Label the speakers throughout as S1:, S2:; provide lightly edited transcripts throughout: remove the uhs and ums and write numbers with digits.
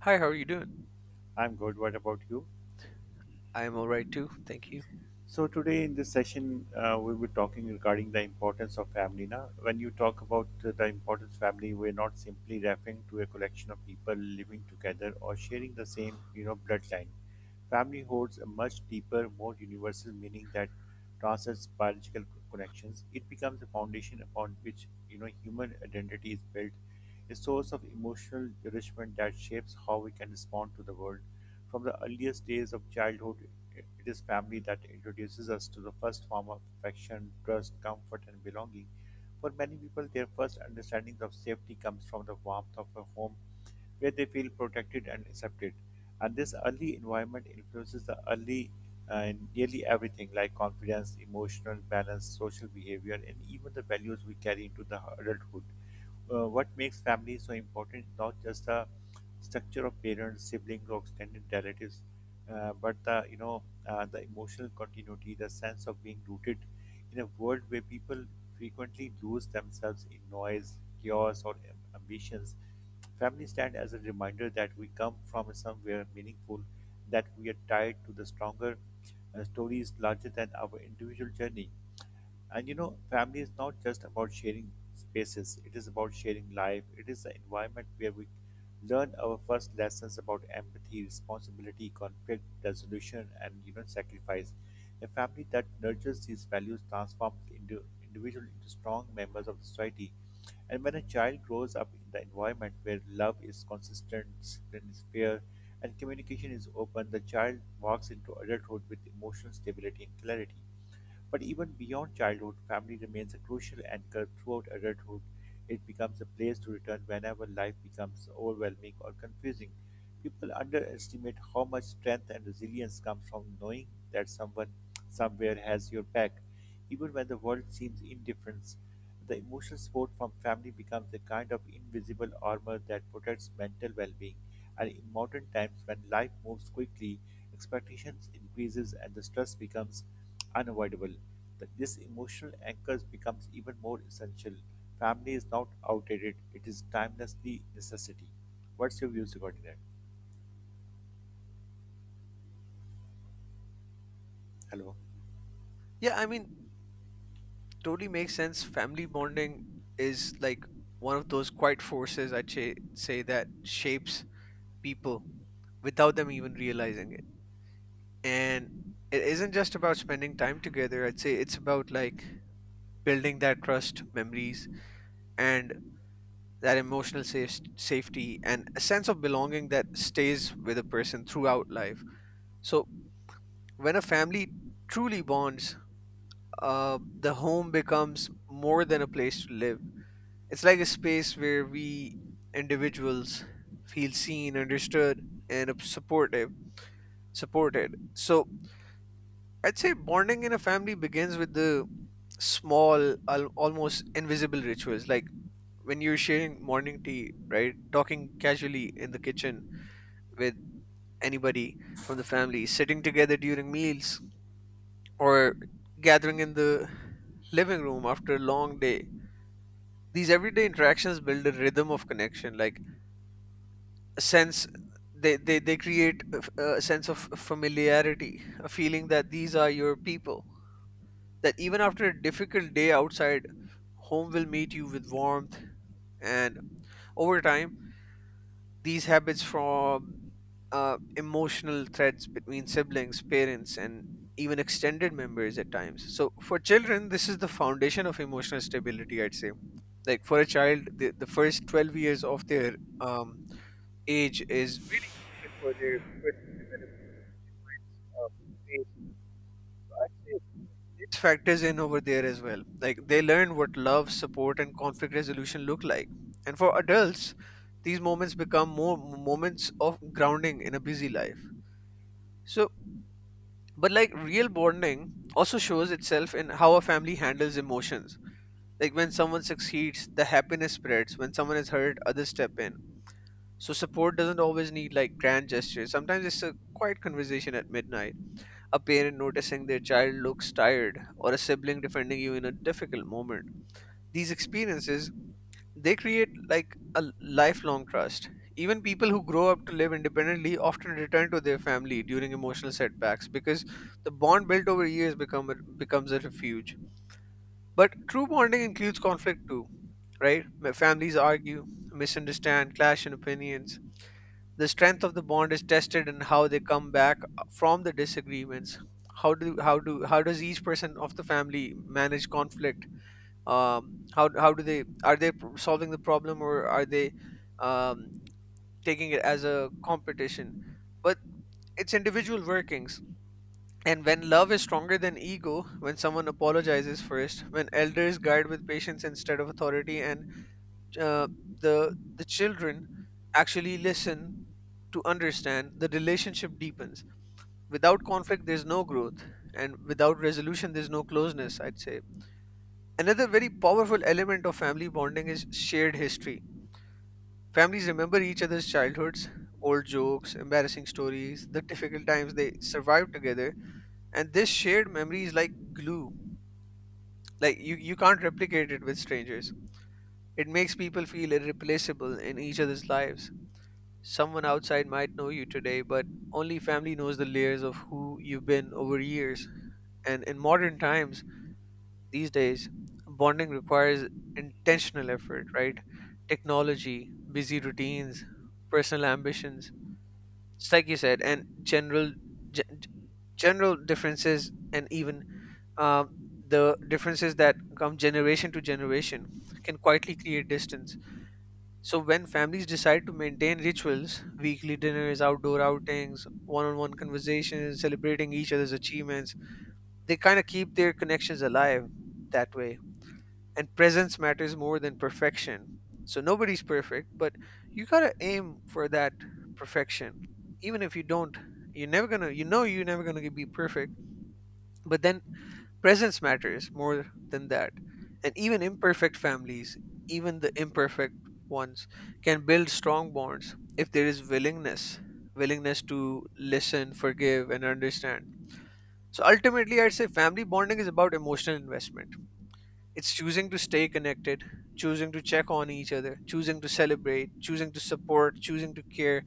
S1: Hi, how are you doing?
S2: I'm good. What about you?
S1: I'm all right too. Thank you.
S2: So today in this session, we'll be talking regarding the importance of family. Now, when you talk about the importance of family, we're not simply referring to a collection of people living together or sharing the same, you know, bloodline. Family holds a much deeper, more universal meaning that transcends biological connections. It becomes the foundation upon which you know human identity is built, a source of emotional nourishment that shapes how we can respond to the world. From the earliest days of childhood, it is family that introduces us to the first form of affection, trust, comfort, and belonging. For many people, their first understandings of safety comes from the warmth of a home where they feel protected and accepted. And this early environment influences the early nearly everything like confidence, emotional balance, social behavior, and even the values we carry into the adulthood. Uh, what makes family so important is not just the structure of parents, siblings, or extended relatives, but the you know the emotional continuity, the sense of being rooted in a world where people frequently lose themselves in noise, chaos, or ambitions. Family stand as a reminder that we come from somewhere meaningful, that we are tied to the stronger stories larger than our individual journey. And you know, family is not just about sharing spaces, it is about sharing life. It is the environment where we learn our first lessons about empathy, responsibility, conflict resolution, and you know, sacrifice. A family that nurtures these values transforms the individual into strong members of society. And when a child grows up in the environment where love is consistent, discipline is fair, and communication is open, the child walks into adulthood with emotional stability and clarity. But even beyond childhood, family remains a crucial anchor throughout adulthood. It becomes a place to return whenever life becomes overwhelming or confusing. People underestimate how much strength and resilience comes from knowing that someone somewhere has your back, even when the world seems indifferent. The emotional support from family becomes a kind of invisible armor that protects mental well-being. And in modern times, when life moves quickly, expectations increases and the stress becomes unavoidable. That this emotional anchors becomes even more essential. Family is not outdated; it is timelessly necessity. What's your views regarding that? Hello.
S1: Yeah, I mean, totally makes sense. Family bonding is like one of those quiet forces, I'd say that shapes people without them even realizing it. And it isn't just about spending time together. I'd say it's about like building that trust, memories, and that emotional safety and a sense of belonging that stays with a person throughout life. So when a family truly bonds, the home becomes more than a place to live. It's like a space where we individuals feel seen, understood, and supported. So I'd say bonding in a family begins with the small, almost invisible rituals, like when you're sharing morning tea, right? Talking casually in the kitchen with anybody from the family, sitting together during meals, or gathering in the living room after a long day, these everyday interactions build a rhythm of connection, like a sense. They create a sense of familiarity, a feeling that these are your people, that even after a difficult day outside, home will meet you with warmth. And over time, these habits form emotional threads between siblings, parents, and even extended members at times. So for children, this is the foundation of emotional stability, I'd say. Like for a child, the first 12 years of their um, age is really crucial for their personal development. uh, phase. So I'd say it factors in over there as well. Like they learn what love, support, and conflict resolution look like. And for adults, these moments become more moments of grounding in a busy life. So, but like real bonding also shows itself in how a family handles emotions. Like when someone succeeds, the happiness spreads. When someone is hurt, others step in. So support doesn't always need like grand gestures. Sometimes it's a quiet conversation at midnight, a parent noticing their child looks tired, or a sibling defending you in a difficult moment. These experiences, they create like a lifelong trust. Even people who grow up to live independently often return to their family during emotional setbacks, because the bond built over years becomes a refuge. But true bonding includes conflict too, right? Families argue, misunderstand, clash in opinions. The strength of the bond is tested in how they come back from the disagreements. How does each person of the family manage conflict? How do they are they pr- solving the problem, or are they um taking it as a competition? But it's individual workings. And when love is stronger than ego, when someone apologizes first, when elders guide with patience instead of authority, and uh, the children actually listen to understand, the relationship deepens. Without conflict, there's no growth, and without resolution, there's no closeness, I'd say. Another very powerful element of family bonding is shared history. Families remember each other's childhoods, old jokes, embarrassing stories, the difficult times they survived together, and this shared memory is like glue. Like you can't replicate it with strangers. It makes people feel irreplaceable in each other's lives. Someone outside might know you today, but only family knows the layers of who you've been over years. And in modern times, these days, bonding requires intentional effort, right? Technology, busy routines, personal ambitions, just like you said, and general gen- general differences, and even uh, the differences that come generation to generation can quietly create distance. So when families decide to maintain rituals, weekly dinners, outdoor outings, one-on-one conversations, celebrating each other's achievements, they kind of keep their connections alive that way, and presence matters more than perfection. So nobody's perfect, but you gotta aim for that perfection. Even if you don't, you're never gonna be perfect. But then presence matters more than that. And even imperfect families, even the imperfect ones, can build strong bonds if there is willingness, willingness to listen, forgive, and understand. So ultimately, I'd say family bonding is about emotional investment. It's choosing to stay connected, choosing to check on each other, choosing to celebrate, choosing to support, choosing to care.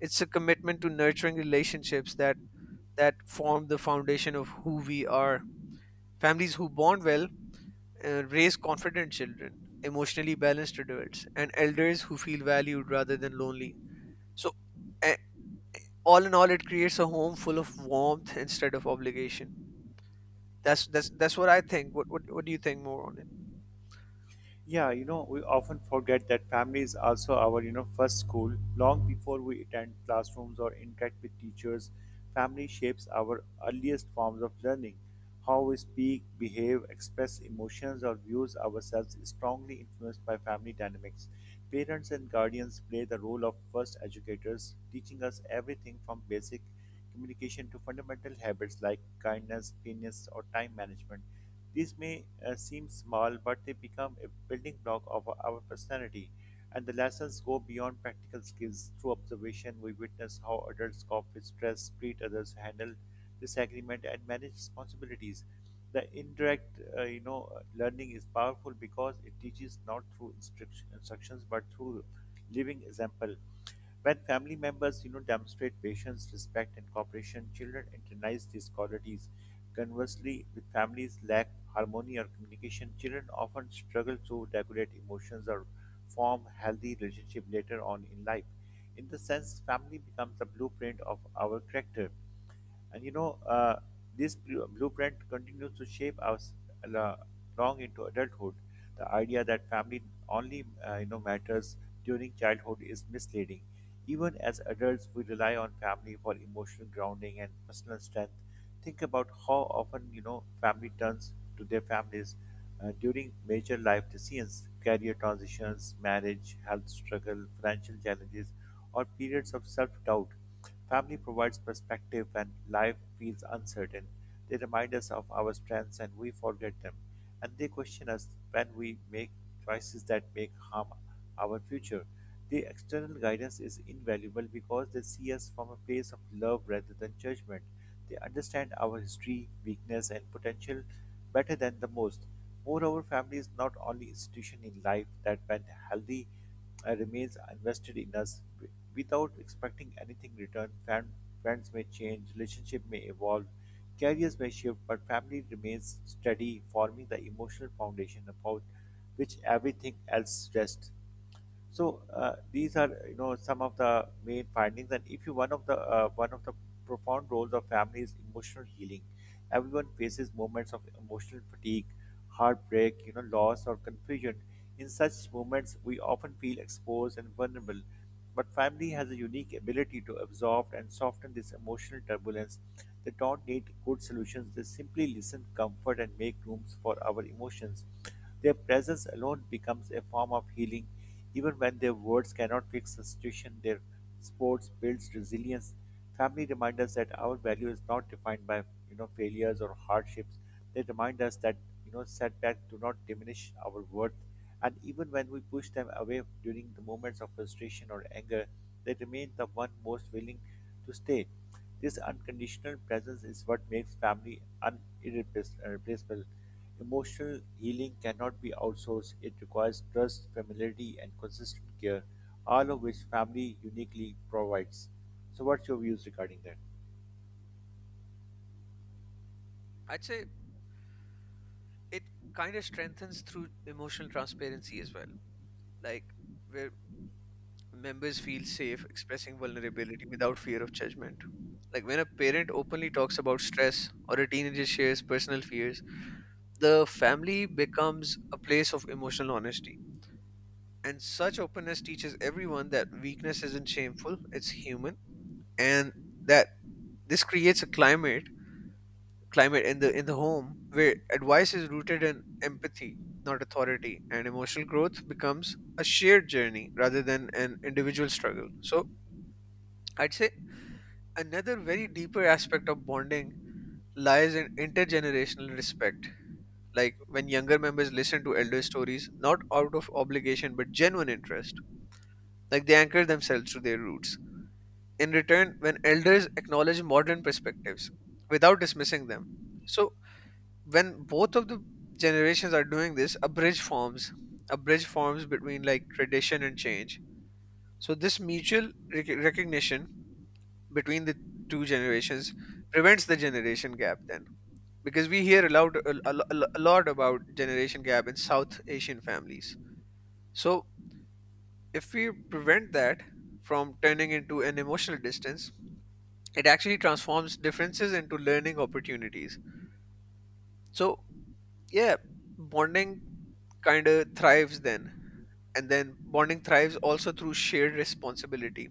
S1: It's a commitment to nurturing relationships that form the foundation of who we are. Families who bond well raise confident children, emotionally balanced adults, and elders who feel valued rather than lonely. So, a- all in all, it creates a home full of warmth instead of obligation. That's what I think. What do you think more on it?
S2: Yeah, you know, we often forget that family is also our, you know, first school. Long before we attend classrooms or interact with teachers, family shapes our earliest forms of learning. How we speak, behave, express emotions, or views ourselves is strongly influenced by family dynamics. Parents and guardians play the role of first educators, teaching us everything from basic communication to fundamental habits like kindness, cleanliness, or time management. These may seem small, but they become a building block of our personality, and the lessons go beyond practical skills. Through observation, we witness how adults cope with stress, treat others, handle disagreement, and manage responsibilities. The indirect, learning is powerful because it teaches not through instructions but through living example. When family members, you know, demonstrate patience, respect, and cooperation, children internalize these qualities. Conversely, with families lack harmony or communication, children often struggle to regulate emotions or form healthy relationship later on in life. In the sense, family becomes the blueprint of our character. And you know, uh, this blueprint continues to shape us la- long into adulthood. The idea that family only matters during childhood is misleading. Even as adults, we rely on family for emotional grounding and personal strength. Think about how often you know family turns to their families during major life decisions, career transitions, marriage, health struggle, financial challenges, or periods of self-doubt. Family provides perspective when life feels uncertain. They remind us of our strengths and we forget them and they question us when we make choices that make harm our future. The external guidance is invaluable because they see us from a place of love rather than judgment. They understand our history, weakness, and potential better than the most. Moreover, family is not only institution in life that when healthy and remains invested in us without expecting anything in return. Friends may change, relationship may evolve, careers may shift, but family remains steady, forming the emotional foundation upon which everything else rests. So these are you know some of the main findings, and if you one of the profound roles of family is emotional healing. Everyone faces moments of emotional fatigue, heartbreak, you know, loss or confusion. In such moments, we often feel exposed and vulnerable. But family has a unique ability to absorb and soften this emotional turbulence. They don't need good solutions; they simply listen, comfort, and make rooms for our emotions. Their presence alone becomes a form of healing even when their words cannot fix the situation, their sports builds resilience. Family remind us that our value is not defined by you know failures or hardships. They remind us that you know setbacks do not diminish our worth, and even when we push them away during the moments of frustration or anger, they remain the one most willing to stay. This unconditional presence is what makes family irreplaceable. Emotional healing cannot be outsourced. It requires trust, familiarity, and consistent care, all of which family uniquely provides. So, what's your views regarding that?
S1: I'd say it kind of strengthens through emotional transparency as well, like where members feel safe expressing vulnerability without fear of judgment, like when a parent openly talks about stress or a teenager shares personal fears, the family becomes a place of emotional honesty. And such openness teaches everyone that weakness isn't shameful, it's human. And that this creates a climate in the home where advice is rooted in empathy, not authority, and emotional growth becomes a shared journey rather than an individual struggle. So I'd say another very deeper aspect of bonding lies in intergenerational respect, like when younger members listen to elder stories, not out of obligation but genuine interest, like they anchor themselves to their roots. In return, when elders acknowledge modern perspectives without dismissing them, so when both of the generations are doing this, a bridge forms. A bridge forms between, like, tradition and change. So this mutual recognition between the two generations prevents the generation gap, then, because we hear a lot about generation gap in South Asian families. So if we prevent that from turning into an emotional distance, it actually transforms differences into learning opportunities. So yeah, bonding kind of thrives, then. And then bonding thrives also through shared responsibility,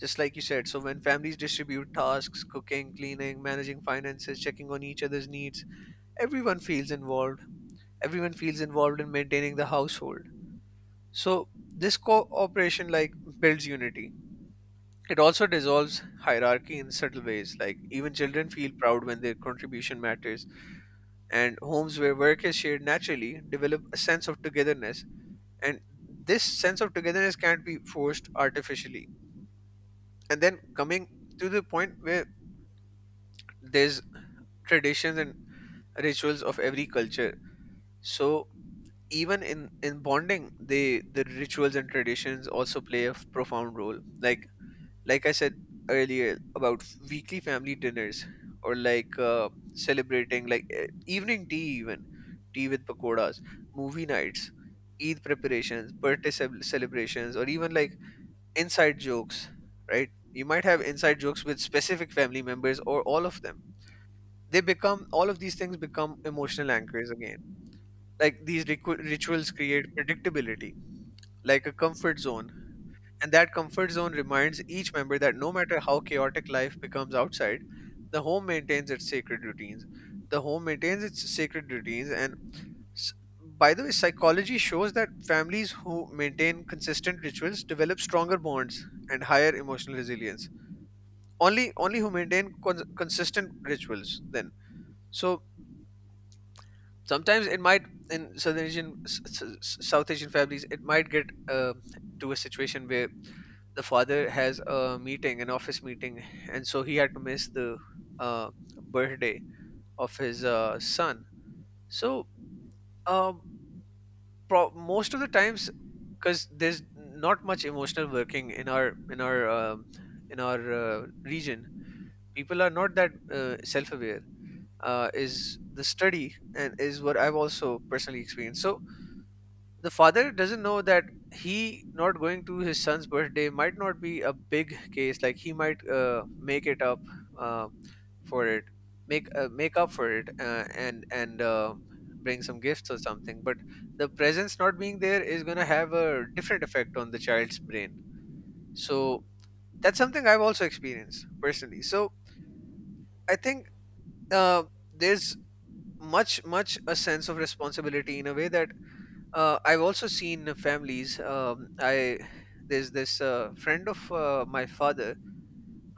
S1: just like you said. So when families distribute tasks, cooking, cleaning, managing finances, checking on each other's needs, everyone feels involved everyone feels involved in maintaining the household. So this cooperation, like, builds unity. It also dissolves hierarchy in subtle ways, like even children feel proud when their contribution matters, and homes where work is shared naturally develop a sense of togetherness, and this sense of togetherness can't be forced artificially. And then coming to the point where there's traditions and rituals of every culture, so even in bonding, the rituals and traditions also play a profound role, like I said earlier about weekly family dinners, or like celebrating, like, evening tea, even tea with pakoras, movie nights, Eid preparations, birthday celebrations, or even like inside jokes, right? You might have inside jokes with specific family members or all of them. They become all of these things become emotional anchors again. Like these rituals create predictability, like a comfort zone, and that comfort zone reminds each member that no matter how chaotic life becomes outside, the home maintains its sacred routines. The home maintains its sacred routines, and, s- by the way, psychology shows that families who maintain consistent rituals develop stronger bonds and higher emotional resilience. Only who maintain consistent rituals, then. So sometimes it might, in southern asian s- s- s- south asian families, it might get to a situation where the father has a meeting an office meeting, and so he had to miss the uh, birthday of his son. So, um, most of the times, because there's not much emotional working in our region, people are not that self-aware, is the study, and is what I've also personally experienced. So the father doesn't know that he not going to his son's birthday might not be a big case. Like he might make it up uh, for it, make make up for it, and bring some gifts or something. But the presence not being there is gonna have a different effect on the child's brain. So that's something I've also experienced personally. So I think uh, there's much a sense of responsibility in a way that I've also seen families I there's this friend of my father,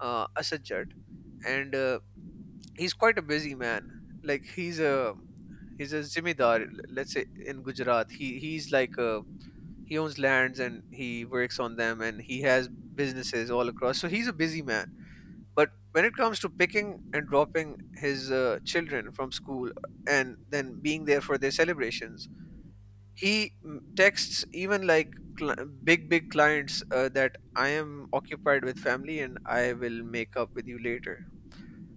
S1: Asad Jat, and he's quite a busy man. Like, he's a, he's a zimidar, let's say, in Gujarat. He, he's like a, he owns lands and he works on them, and he has businesses all across, so he's a busy man. But when it comes to picking and dropping his children from school and then being there for their celebrations, he texts even like, cl- big clients that I am occupied with family and I will make up with you later.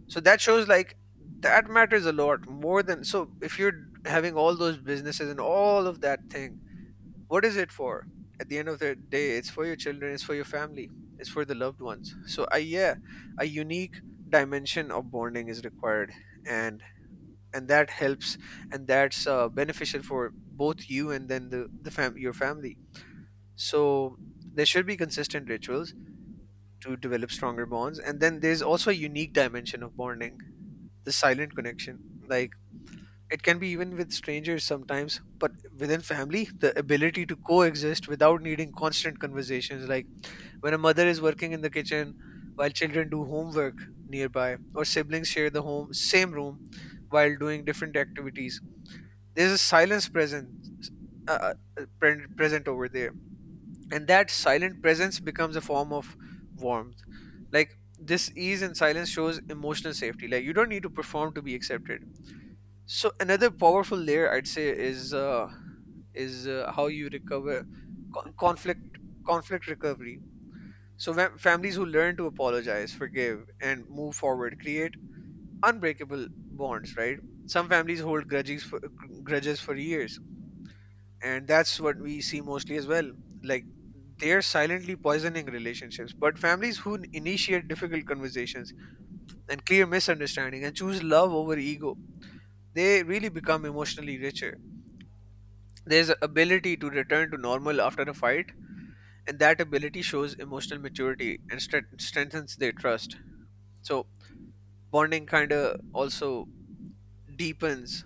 S1: So that shows like, that matters a lot more than, so if you're having all those businesses and all of that thing, what is it for? At the end of the day, it's for your children, it's for your family, it's for the loved ones. So I, yeah, a unique dimension of bonding is required, and and that helps, and that's beneficial for both you and then your family. So there should be consistent rituals to develop stronger bonds, and then there's also a unique dimension of bonding: the silent connection. Like, it can be even with strangers sometimes, but within family, the ability to coexist without needing constant conversations. Like, when a mother is working in the kitchen while children do homework nearby, or siblings share the home same room while doing different activities, there's a silence present, uh, uh, present over there. And that silent presence becomes a form of warmth. Like, this ease and silence shows emotional safety. Like, you don't need to perform to be accepted. So another powerful layer I'd say is, how you recover, conflict, conflict recovery. So when families who learn to apologize, forgive and move forward create unbreakable bonds, right? Some families hold grudges for years, and that's what we see mostly as well. Like, they're silently poisoning relationships. But families who initiate difficult conversations and clear misunderstanding and choose love over ego, they really become emotionally richer. There's a ability to return to normal after a fight, and that ability shows emotional maturity and strengthens their trust. So bonding kind of also deepens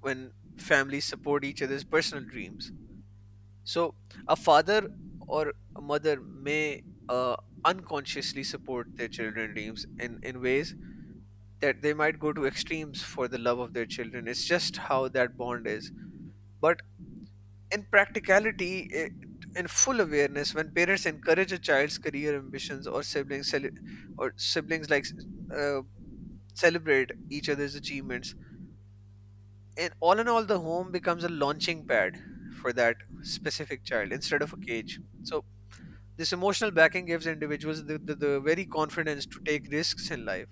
S1: when families support each other's personal dreams. So a father or a mother may uh, unconsciously support their children' dreams in ways that they might go to extremes for the love of their children. It's just how that bond is. But in practicality, I in full awareness, when parents encourage a child's career ambitions, or or siblings like uh, celebrate each other's achievements, and all in all, the home becomes a launching pad for that specific child instead of a cage. So this emotional backing gives individuals the very confidence to take risks in life.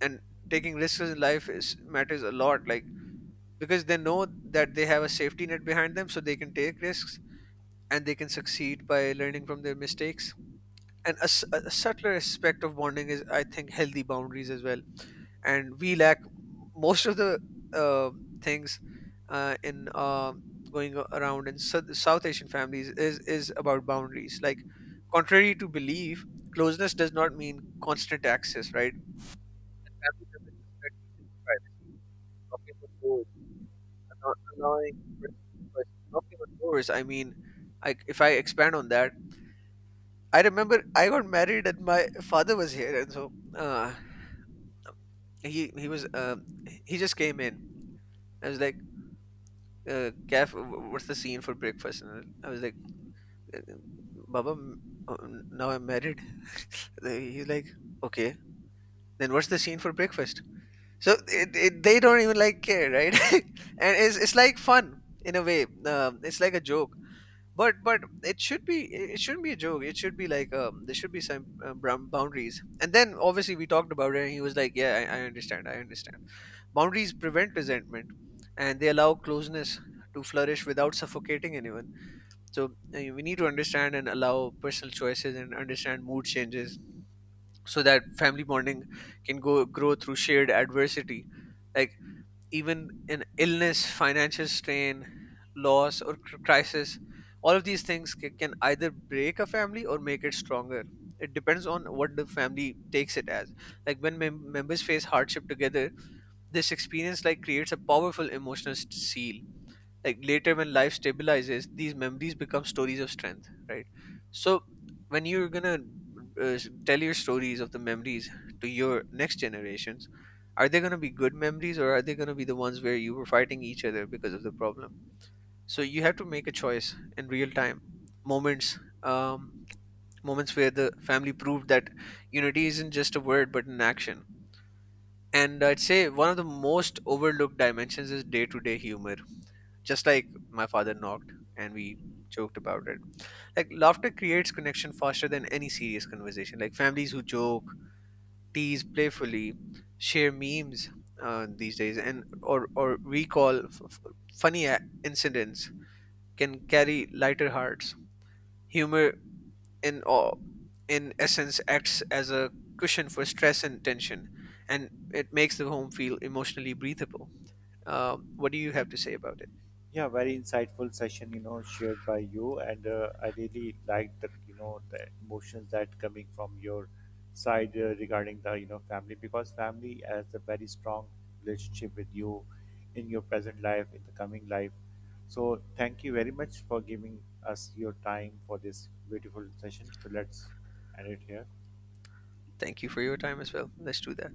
S1: And taking risks in life is matters a lot, like, because they know that they have a safety net behind them, so they can take risks and they can succeed by learning from their mistakes. And a subtler aspect of bonding is, I think, healthy boundaries as well. And we lack most of the uh, things in going around in south asian families, is about boundaries. Like, contrary to belief, closeness does not mean constant access, right? Family members respect each other's privacy, knocking on doors, allowing for choice. Knocking on doors, I mean, if I expand on that, I remember I got married and my father was here, and so uh, he he was he just came in. I was like, "Gaff, what's the scene for breakfast?" And I was like, uh, uh, "Baba, uh, now I'm married." He's like, "Okay, then what's the scene for breakfast?" So they don't even like care, right? And it's like fun in a way. It's like a joke, but it should be, it shouldn't be a joke. It should be like, there should be some brown boundaries. And then obviously we talked about it, and he was like, "Yeah, I understand. I understand." Boundaries prevent resentment and they allow closeness to flourish without suffocating anyone. So we need to understand and allow personal choices and understand mood changes so that family bonding can go grow through shared adversity. Like, even an illness, financial strain, loss or crisis, all of these things can either break a family or make it stronger. It depends on what the family takes it as. Like, when members face hardship together, this experience like creates a powerful emotional seal. Like, later when life stabilizes, these memories become stories of strength, right? So when you're gonna tell your stories of the memories to your next generations, are they gonna be good memories, or are they gonna be the ones where you were fighting each other because of the problem? So you have to make a choice in real time. Moments, um, moments where the family proved that unity isn't just a word but an action. And I'd say one of the most overlooked dimensions is day to day humor, just like my father knocked and we joked about it. Like, laughter creates connection faster than any serious conversation. Like, families who joke, tease playfully, share memes these days, and or recall funny incidents, can carry lighter hearts. Humor, in, awe, in essence, acts as a cushion for stress and tension, and it makes the home feel emotionally breathable. What do you have to say about it?
S2: Yeah, very insightful session, you know, shared by you, and I really liked the, you know, the emotions that coming from your side regarding the, you know, family because family has a very strong relationship with you in your present life, in the coming life. So thank you very much for giving us your time for this beautiful session. So let's end it here.
S1: Thank you for your time as well. Let's do that.